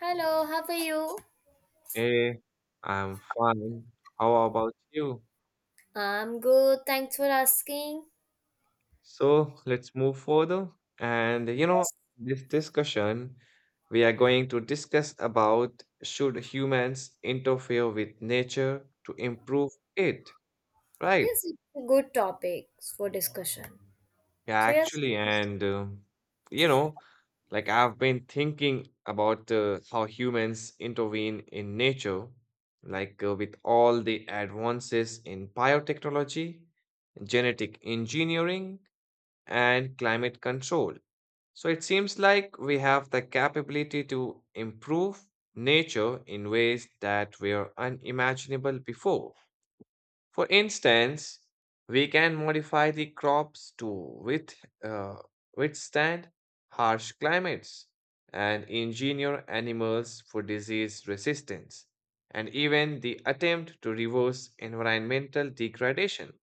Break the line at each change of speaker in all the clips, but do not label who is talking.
Hello, how are you?
Hey, I'm fine. How about you?
I'm good, thanks for asking.
So let's move further. And you know,
Yes,
this discussion, we are going to discuss about should humans interfere with nature to improve it, right?
yes, it's a good topic for discussion.
Yeah,
So yes,
actually, you know, like I've been thinking about how humans intervene in nature, like with all the advances in biotechnology, genetic engineering, and climate control. So it seems like we have the capability to improve nature in ways that were unimaginable before. For instance, we can modify the crops to with, uh, withstand harsh climates and engineer animals for disease resistance and even the attempt to reverse environmental degradation.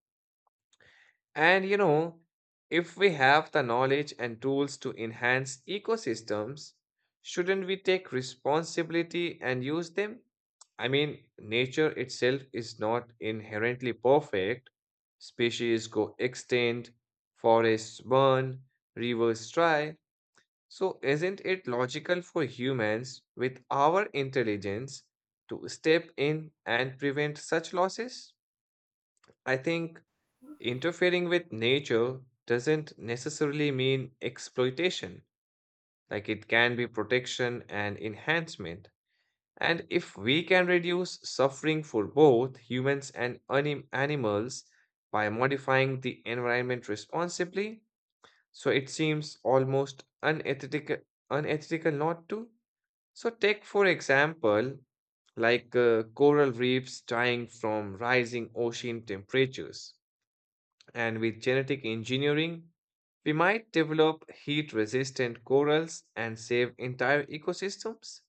And you know, if we have the knowledge and tools to enhance ecosystems, shouldn't we take responsibility and use them? I mean, nature itself is not inherently perfect. Species go extinct, forests burn, rivers dry. So, isn't it logical for humans, with our intelligence, to step in and prevent such losses? I think interfering with nature doesn't necessarily mean exploitation. Like it can be protection and enhancement. And if we can reduce suffering for both humans and animals by modifying the environment responsibly, so it seems almost unethical, unethical not to. So, take for example, like coral reefs dying from rising ocean temperatures. And with genetic engineering, we might develop heat resistant corals and save entire ecosystems.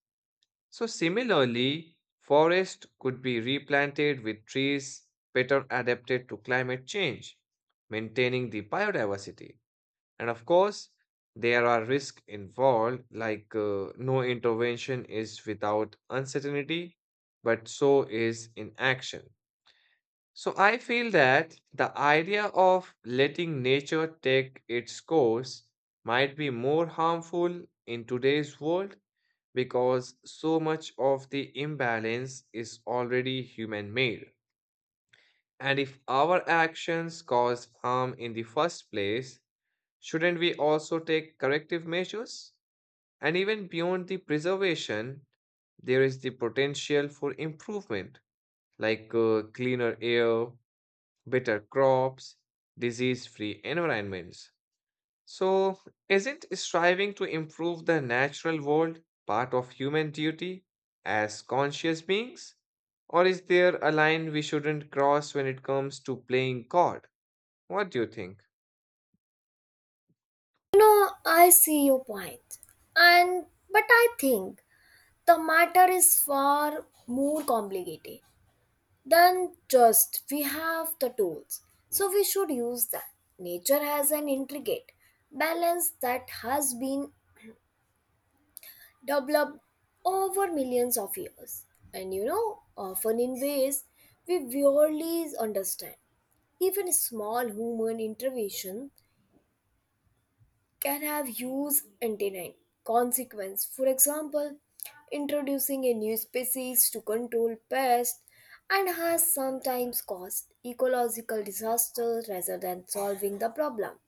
So, similarly, forests could be replanted with trees better adapted to climate change, maintaining the biodiversity. And of course, there are risks involved, like no intervention is without uncertainty, but so is inaction. So I feel that the idea of letting nature take its course might be more harmful in today's world because so much of the imbalance is already human made. And if our actions cause harm in the first place, shouldn't we also take corrective measures? And even beyond the preservation, there is the potential for improvement, like cleaner air, better crops, disease free environments. So, isn't striving to improve the natural world part of human duty as conscious beings? Or is there a line we shouldn't cross when it comes to playing God? What do you think?
I see your point, and but I think the matter is far more complicated than just we have the tools, so we should use that. Nature has an intricate balance that has been developed over millions of years, and often in ways we rarely understand. Even small human intervention can have huge antennae consequence. For example, introducing a new species to control pests and has sometimes caused ecological disaster rather than solving the problem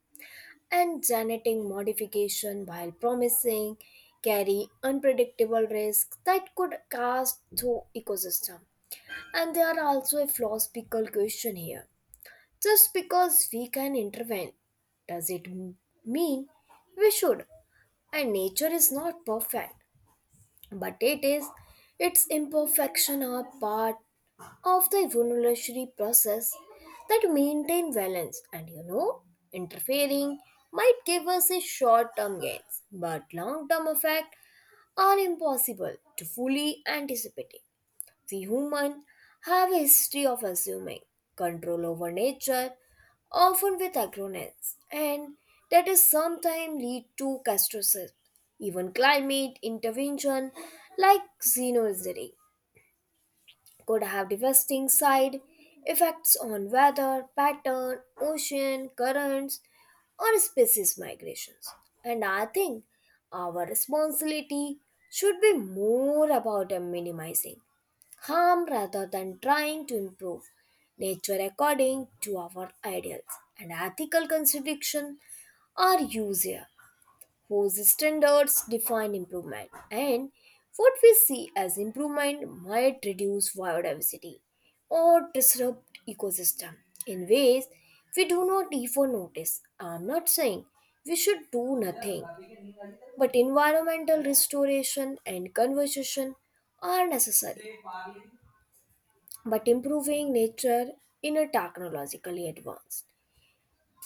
and genetic modification, while promising, carry unpredictable risks that could cast through ecosystem. And there are also a philosophical question here. Just because we can intervene, does it mean we should? And nature is not perfect but it is its imperfection are part of the evolutionary process that maintain balance and interfering might give us a short-term gains but long-term effect are impossible to fully anticipate we humans have a history of assuming control over nature, often with agronets, and that is sometimes lead to catastrophes. Even climate intervention like xenozary could have devastating side effects on weather pattern, ocean currents, or species migrations. And I think our responsibility should be more about minimizing harm rather than trying to improve nature according to our ideals and ethical contradiction are used here, whose standards define improvement and what we see as improvement might reduce biodiversity or disrupt ecosystem in ways we do not even notice. I'm not saying we should do nothing, but environmental restoration and conservation are necessary but improving nature in a technologically advanced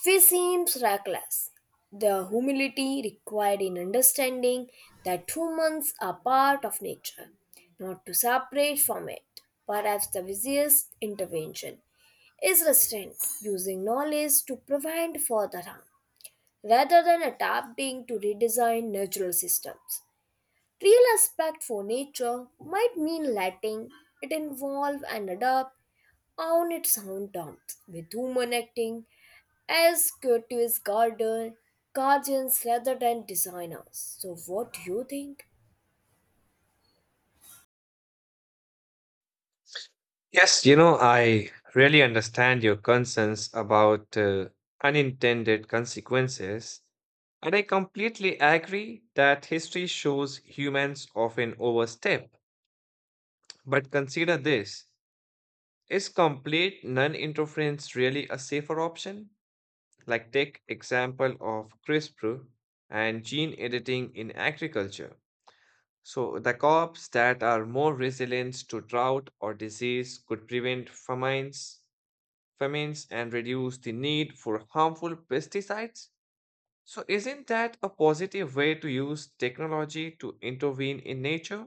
way seems reckless. The humility required in understanding that humans are part of nature, not to separate from it. Perhaps the wisest intervention is restraint, using knowledge to prevent further harm, rather than adapting to redesign natural systems. Real respect for nature might mean letting it evolve and adapt on its own terms, with women acting as creative guardians rather than designers. So, what do you think?
Yes, you know, I really understand your concerns about unintended consequences. And I completely agree that history shows humans often overstep. But consider this, is complete non interference really a safer option? Like, take example of CRISPR and gene editing in agriculture. So, the crops that are more resilient to drought or disease could prevent famines and reduce the need for harmful pesticides. So, isn't that a positive way to use technology to intervene in nature?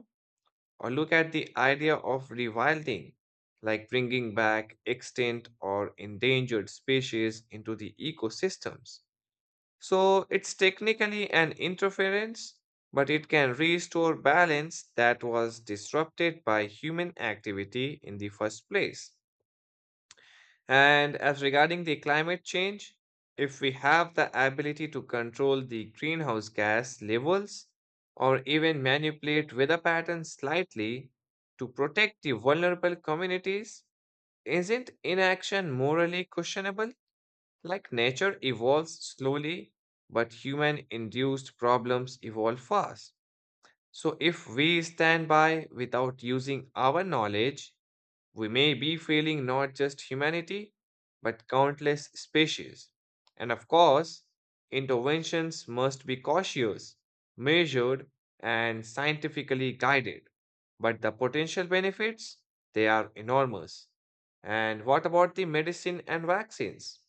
Or look at the idea of rewilding, like bringing back extinct or endangered species into the ecosystems. So it's technically an interference, but it can restore balance that was disrupted by human activity in the first place. And as regarding the climate change, if we have the ability to control the greenhouse gas levels or even manipulate weather patterns slightly to protect the vulnerable communities, isn't inaction morally questionable? Like nature evolves slowly, but human induced problems evolve fast. So if we stand by without using our knowledge, we may be failing not just humanity, but countless species. And of course, interventions must be cautious, measured, and scientifically guided. But the potential benefits, they are enormous. And what about the medicine and vaccines?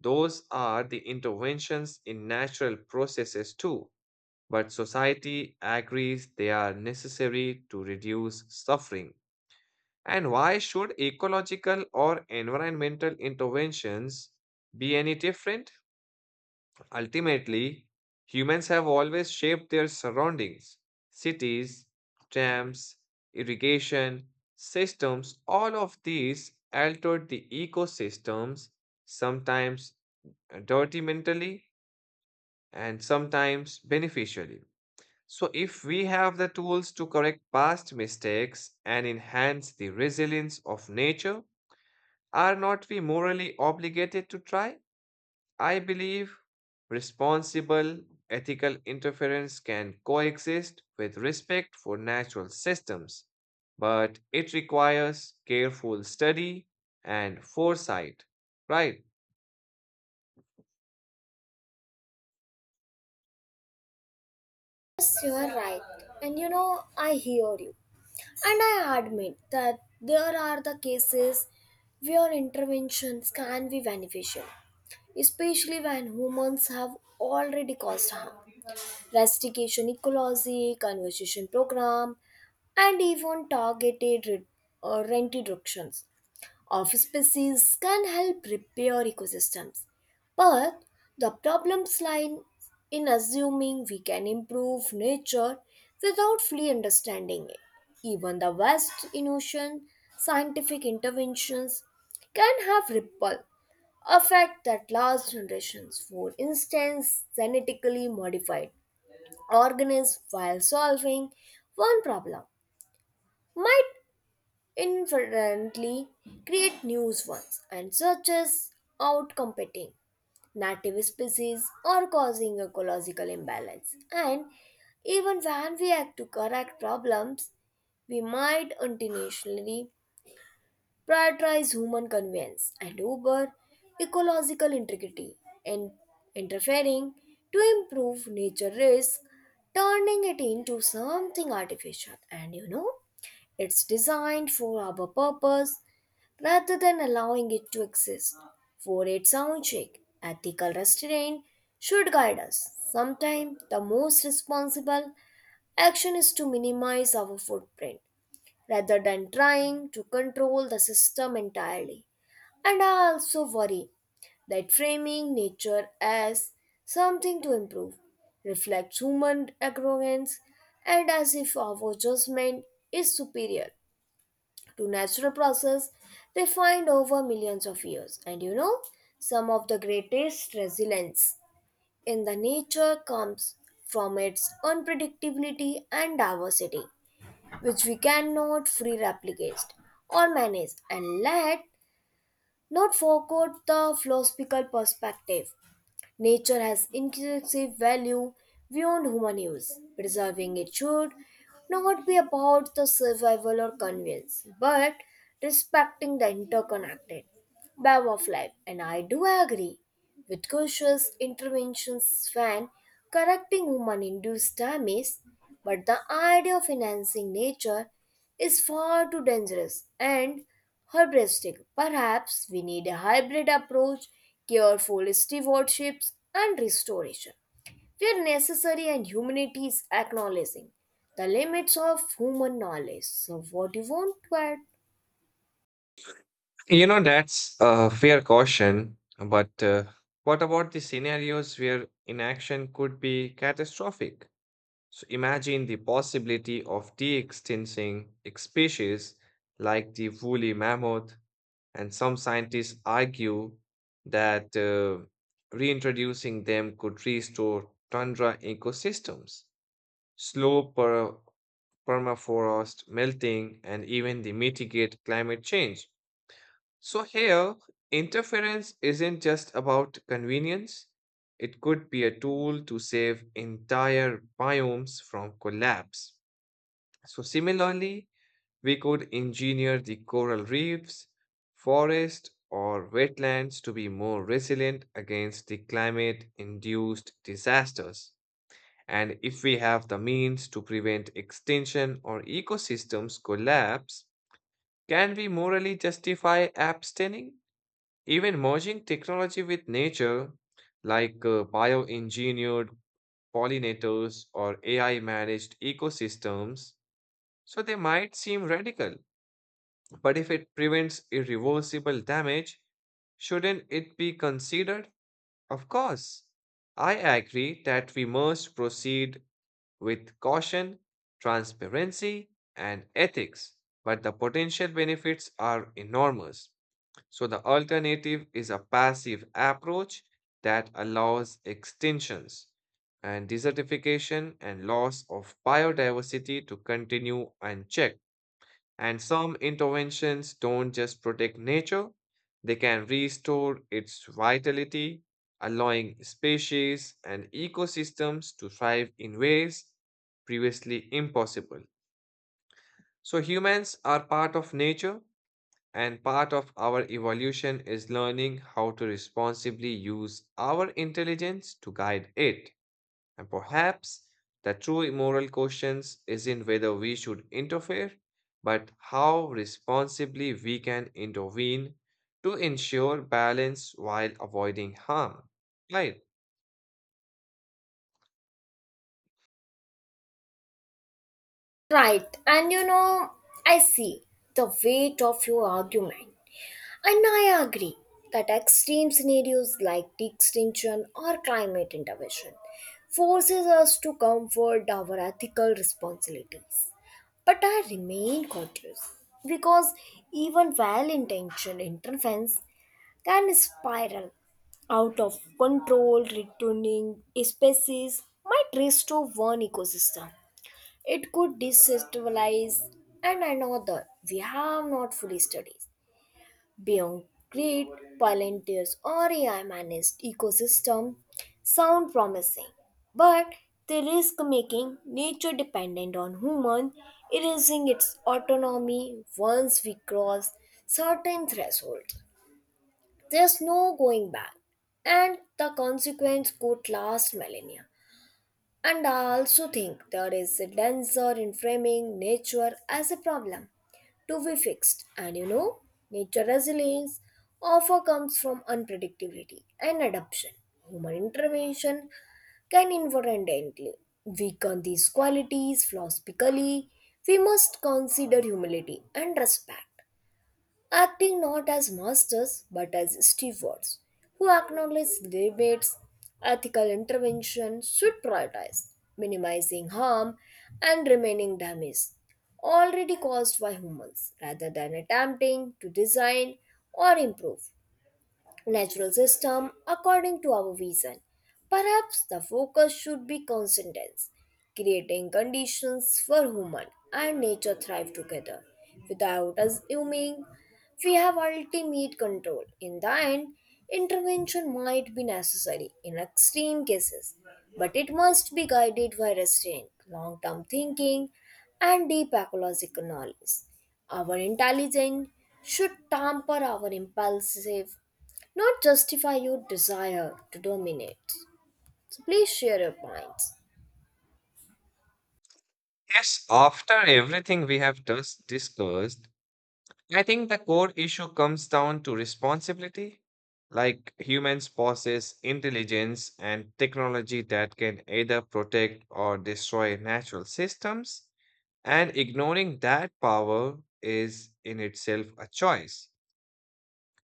Those are the interventions in natural processes too, but society agrees they are necessary to reduce suffering. And why should ecological or environmental interventions be any different? Ultimately, humans have always shaped their surroundings. Cities, dams, irrigation systems, all of these altered the ecosystems, sometimes detrimentally and sometimes beneficially. So, if we have the tools to correct past mistakes and enhance the resilience of nature, are not we morally obligated to try? I believe responsible ethical interference can coexist with respect for natural systems, but it requires careful study and foresight, right?
Yes, you are right. And you know, I hear you. And I admit that there are the cases where interventions can be beneficial, especially when humans have already caused harm. Restoration ecology, conservation program, and even targeted rent reductions of species can help repair ecosystems. But the problems lie in assuming we can improve nature without fully understanding it. Even the vast innovation, scientific interventions can have ripple effect that last generations. For instance, genetically modified organisms, while solving one problem, might inferently create new ones and such as outcompeting native species or causing ecological imbalance. And even when we act to correct problems, we might intentionally prioritize human convenience and over ecological integrity and interfering to improve nature risk, turning it into something artificial. And it's designed for our purpose rather than allowing it to exist. For its own sake, ethical restraint should guide us. Sometimes the most responsible action is to minimize our footprint rather than trying to control the system entirely. And I also worry that framing nature as something to improve reflects human arrogance and as if our judgment is superior to natural process refined over millions of years. And some of the greatest resilience in the nature comes from its unpredictability and diversity, which we cannot free replicate or manage. And let not forget the philosophical perspective. Nature has intrinsic value beyond human use. Preserving it should not be about the survival or convenience, but respecting the interconnected web of life. And I do agree with cautious interventions when correcting human induced damage, but the idea of enhancing nature is far too dangerous and hubristic. Perhaps we need a hybrid approach, careful stewardships and restoration, where necessary and humanity is acknowledging the limits of human knowledge. So what do you want to add?
You know, that's a fair caution, but what about the scenarios where inaction could be catastrophic? So imagine the possibility of de-extincting species like the woolly mammoth, and some scientists argue that reintroducing them could restore tundra ecosystems, slow permafrost melting, and even the mitigate climate change. So here, interference isn't just about convenience. It could be a tool to save entire biomes from collapse. So similarly, we could engineer the coral reefs, forests, or wetlands to be more resilient against the climate-induced disasters. And if we have the means to prevent extinction or ecosystems collapse, can we morally justify abstaining? Even merging technology with nature, like bioengineered pollinators or AI managed ecosystems, so they might seem radical, but if it prevents irreversible damage, shouldn't it be considered? Of course. I agree that we must proceed with caution, transparency, and ethics, but the potential benefits are enormous. So the alternative is a passive approach that allows extinctions and desertification and loss of biodiversity to continue unchecked. And some interventions don't just protect nature, they can restore its vitality, allowing species and ecosystems to thrive in ways previously impossible. So humans are part of nature and part of our evolution is learning how to responsibly use our intelligence to guide it. And perhaps the true moral questions isn't whether we should interfere, but how responsibly we can intervene to ensure balance while avoiding harm. Right.
Right, and I see the weight of your argument. And I agree that extreme scenarios like the extinction or climate intervention forces us to comfort our ethical responsibilities. But I remain cautious because even well-intentioned interventions can spiral out of control, returning species might restore one ecosystem it could destabilize and another we have not fully studied. Beyond great paleontologists or AI managed ecosystem sound promising, but they risk making nature dependent on humans, erasing its autonomy once we cross certain thresholds. There's no going back, and the consequence could last millennia. And I also think there is a danger in framing nature as a problem to be fixed. And nature resilience often comes from unpredictability and adaptation. Human intervention can inadvertently weaken these qualities philosophically. We must consider humility and respect acting not as masters but as stewards who acknowledge debates, ethical intervention should prioritize minimizing harm and remaining damage already caused by humans rather than attempting to design or improve natural system according to our vision. Perhaps the focus should be coincidence, creating conditions for human and nature thrive together. Without assuming we have ultimate control. In the end, intervention might be necessary in extreme cases, but it must be guided by restraint, long term thinking, and deep ecological knowledge. Our intelligence should temper our impulsive not justify your desire to dominate. So please share your points.
Yes, after everything we have just discussed, I think the core issue comes down to responsibility. Like humans possess intelligence and technology that can either protect or destroy natural systems, and ignoring that power is in itself a choice.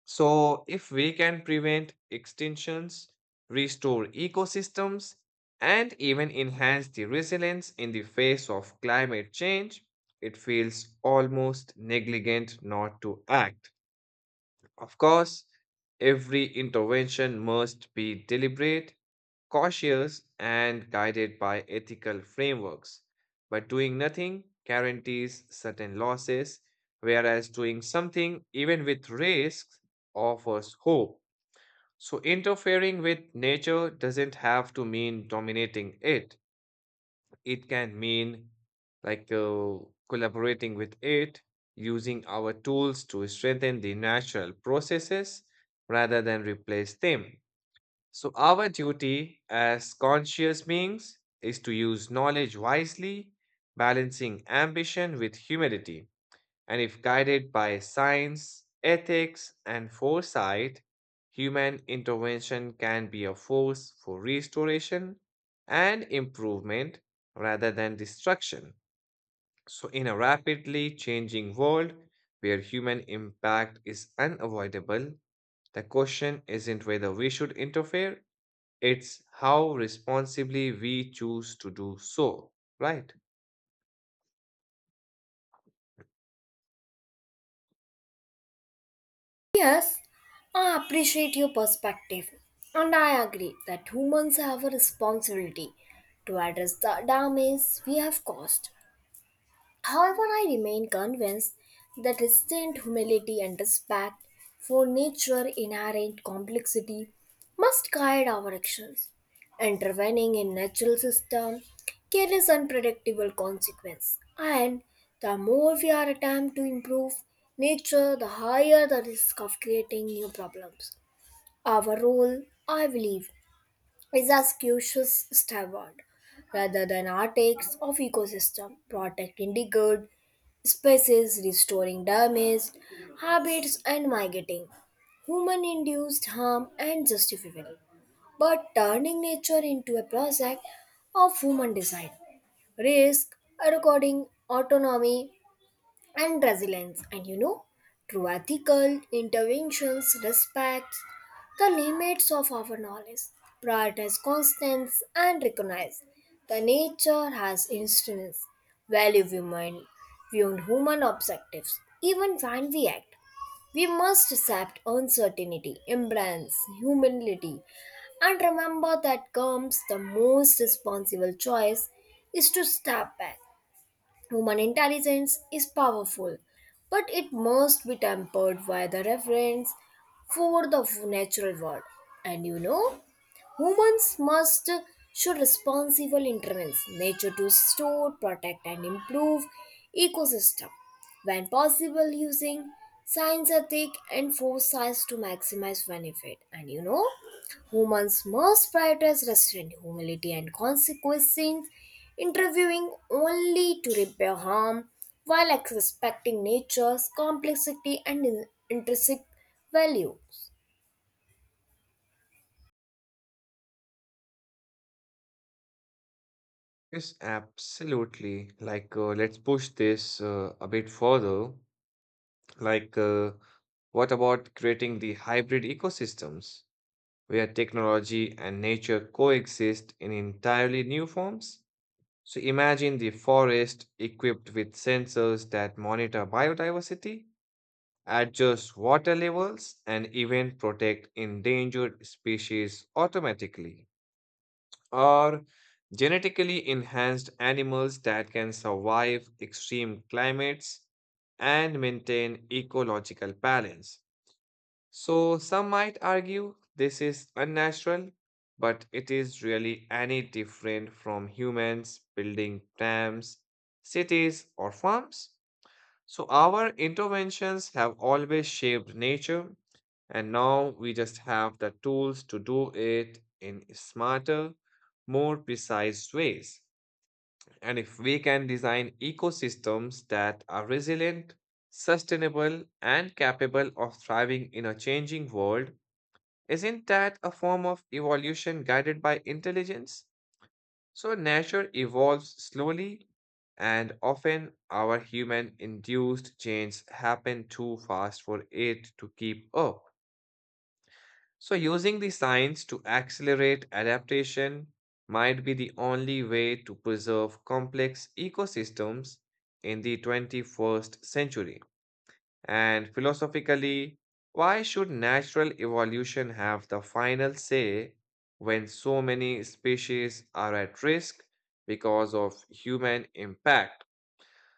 So, if we can prevent extinctions, restore ecosystems, and even enhance the resilience in the face of climate change, it feels almost negligent not to act. Of course, every intervention must be deliberate, cautious, and guided by ethical frameworks. But doing nothing guarantees certain losses, whereas doing something, even with risks, offers hope. So, interfering with nature doesn't have to mean dominating it. It can mean like collaborating with it, using our tools to strengthen the natural processes rather than replace them. So, our duty as conscious beings is to use knowledge wisely, balancing ambition with humility. And if guided by science, ethics, and foresight, human intervention can be a force for restoration and improvement rather than destruction. So, in a rapidly changing world where human impact is unavoidable, the question isn't whether we should interfere, it's how responsibly we choose to do so, right?
Yes, I appreciate your perspective, and I agree that humans have a responsibility to address the damage we have caused. However, I remain convinced that restrained humility and respect for nature's inherent complexity must guide our actions. Intervening in natural system carries unpredictable consequences, and the more we are attempt to improve nature, the higher the risk of creating new problems. Our role, I believe, is a askew's starboard rather than our of ecosystem protecting the good species restoring damaged habits and mitigating human induced harm and justifiable but turning nature into a project of human design risk recording autonomy and resilience. And through ethical interventions, respects the limits of our knowledge, prioritize constants, and recognize the nature has instruments, value human, beyond human objectives, even when we act. We must accept uncertainty, embrace humility, and remember that comes the most responsible choice is to step back. Human intelligence is powerful, but it must be tempered by the reverence for the natural world. And humans must show responsible interventions nature to store, protect and improve ecosystem when possible using science ethic and foresight to maximize benefit. And humans must prioritize restraint, humility and consequences, interviewing only to repair harm while respecting nature's complexity and intrinsic value.
Yes, absolutely. Like, let's push this a bit further. Like, what about creating the hybrid ecosystems where technology and nature coexist in entirely new forms? So, imagine the forest equipped with sensors that monitor biodiversity, adjust water levels, and even protect endangered species automatically or genetically enhanced animals that can survive extreme climates and maintain ecological balance. So, some might argue this is unnatural, but it is really any different from humans building dams, cities, or farms? So, our interventions have always shaped nature, and now we just have the tools to do it in smarter, more precise ways. And if we can design ecosystems that are resilient, sustainable, and capable of thriving in a changing world, isn't that a form of evolution guided by intelligence? So nature evolves slowly, and often our human induced changes happen too fast for it to keep up. So, using the science to accelerate adaptation might be the only way to preserve complex ecosystems in the 21st century. And philosophically, why should natural evolution have the final say when so many species are at risk because of human impact?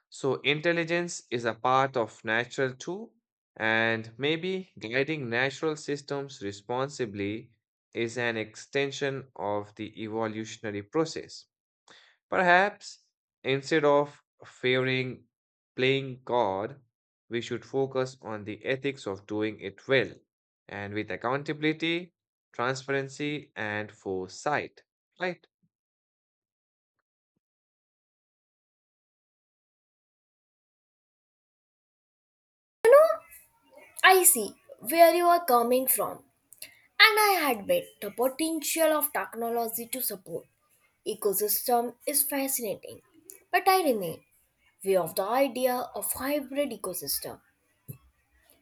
So, intelligence is a part of natural too, and maybe guiding natural systems responsibly is an extension of the evolutionary process. Perhaps instead of favoring playing God, we should focus on the ethics of doing it well and with accountability, transparency, and foresight. Right?
I see where you are coming from. And I had bet the potential of technology to support ecosystem is fascinating. But I remain wary of the idea of hybrid ecosystem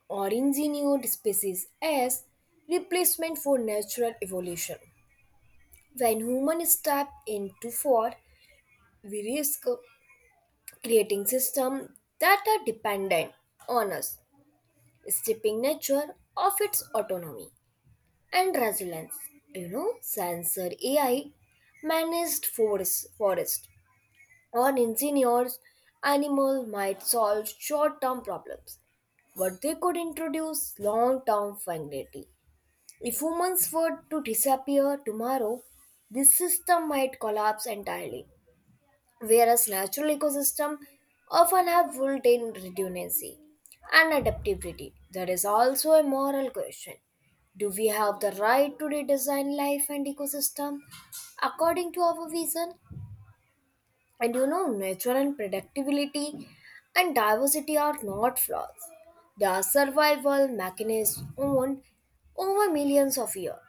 or engineered species as replacement for natural evolution. When humans step into for, we risk creating systems that are dependent on us, stripping nature of its autonomy. And resilience. You know, sensor AI managed forest or engineers animal might solve short-term problems, but they could introduce long-term finality. If humans were to disappear tomorrow, this system might collapse entirely whereas natural ecosystems often have built in redundancy and adaptability. There is also a moral question. Do we have the right to redesign life and ecosystem according to our vision? And nature and predictability and diversity are not flaws. They are survival mechanisms owned over millions of years.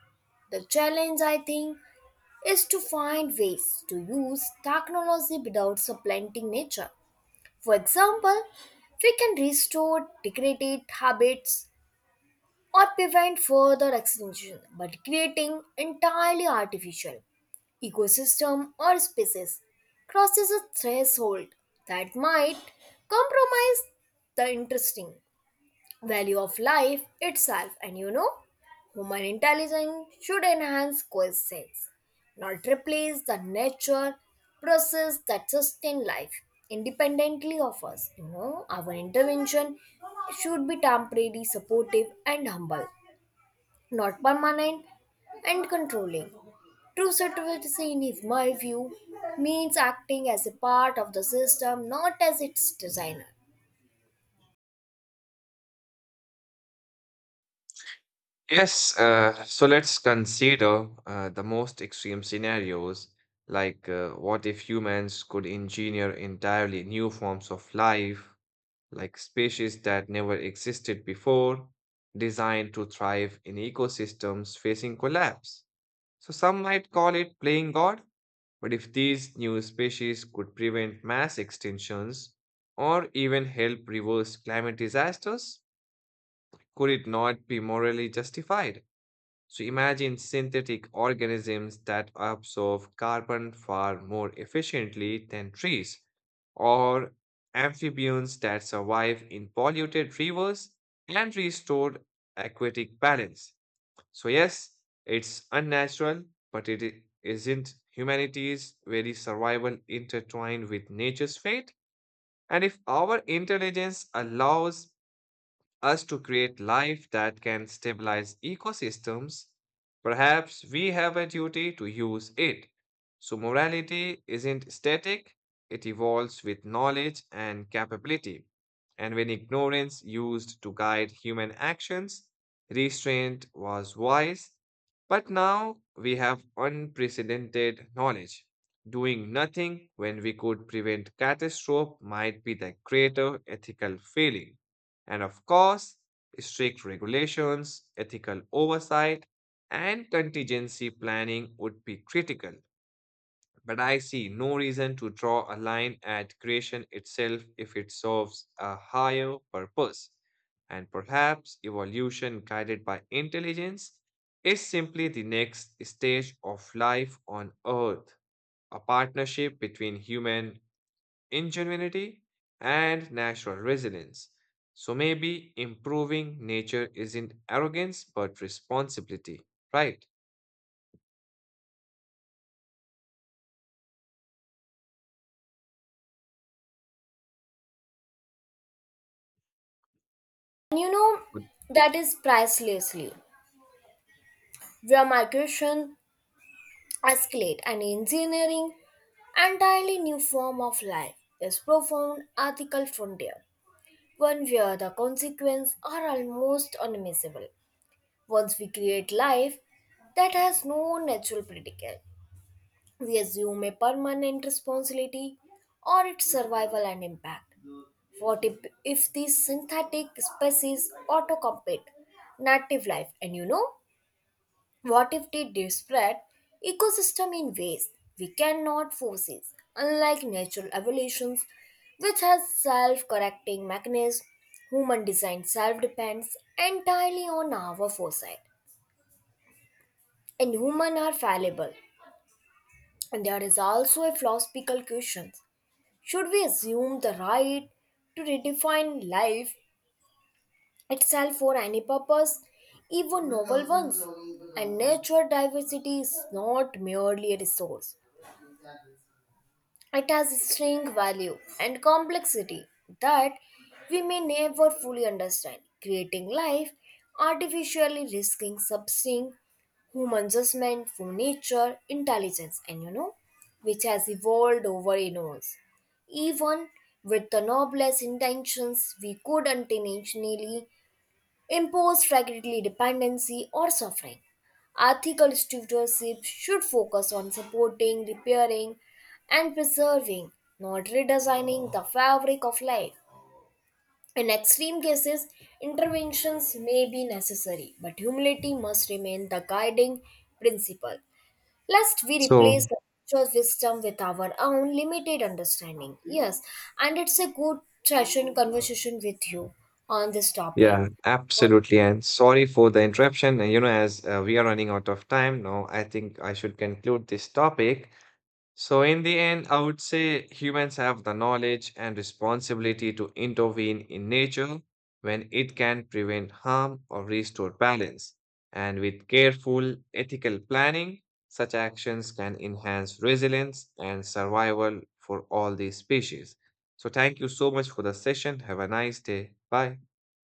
The challenge, I think, is to find ways to use technology without supplanting nature. For example, we can restore degraded habits or prevent further extinction by creating entirely artificial ecosystem or species crosses a threshold that might compromise the interesting value of life itself and human intelligence should enhance coexistence not replace the nature process that sustain life independently of us our intervention should be temporary supportive and humble not permanent and controlling. True citizenship, in is my view, means acting as a part of the system, not as its designer.
Yes, so let's consider the most extreme scenarios like what if humans could engineer entirely new forms of life? Like species that never existed before, designed to thrive in ecosystems facing collapse. So some might call it playing God, but if these new species could prevent mass extinctions or even help reverse climate disasters, could it not be morally justified? So imagine synthetic organisms that absorb carbon far more efficiently than trees, or amphibians that survive in polluted rivers and restore aquatic balance. So, yes, it's unnatural, but isn't humanity's very survival intertwined with nature's fate? And if our intelligence allows us to create life that can stabilize ecosystems, perhaps we have a duty to use it. So, morality isn't static, it evolves with knowledge and capability. And when ignorance used to guide human actions, restraint was wise. But now we have unprecedented knowledge. Doing nothing when we could prevent catastrophe might be the greater ethical failing. And of course, strict regulations, ethical oversight, and contingency planning would be critical. But I see no reason to draw a line at creation itself if it serves a higher purpose. And perhaps evolution guided by intelligence is simply the next stage of life on Earth, a partnership between human ingenuity, and natural resilience. So maybe improving nature isn't arrogance but responsibility, right?
And
Good.
that is pricelessly. Where migration escalate and engineering entirely new form of life is profound ethical frontier, one where the consequences are almost unmissable. Once we create life that has no natural predicate, we assume a permanent responsibility or its survival and impact. What if these synthetic species auto compete native life? And what if they disrupt ecosystem in ways we cannot foresee, unlike natural evolutions, which has self-correcting mechanisms? Human design self-depends entirely on our foresight, and humans are fallible. And there is also a philosophical question: should we assume the right to redefine life itself for any purpose, even novel ones? And natural diversity is not merely a resource. It has a string value and complexity that we may never fully understand, creating life, artificially risking substance, human judgment for nature, intelligence, and which has evolved over eons. Even with the noblest intentions, we could intentionally impose regulatory dependency or suffering. Ethical stewardship should focus on supporting, repairing, and preserving, not redesigning the fabric of life. In extreme cases, interventions may be necessary, but humility must remain the guiding principle, lest we replace
So,
the nature's wisdom with our own limited understanding. Yes, and it's a good session conversation with you on this topic.
yeah, absolutely. And sorry for the interruption. And you know, as we are running out of time now, I think I should conclude this topic. So, in the end, I would say humans have the knowledge and responsibility to intervene in nature when it can prevent harm or restore balance. And with careful ethical planning, such actions can enhance resilience and survival for all these species. So, thank you so much for the session. Have a nice day. Bye.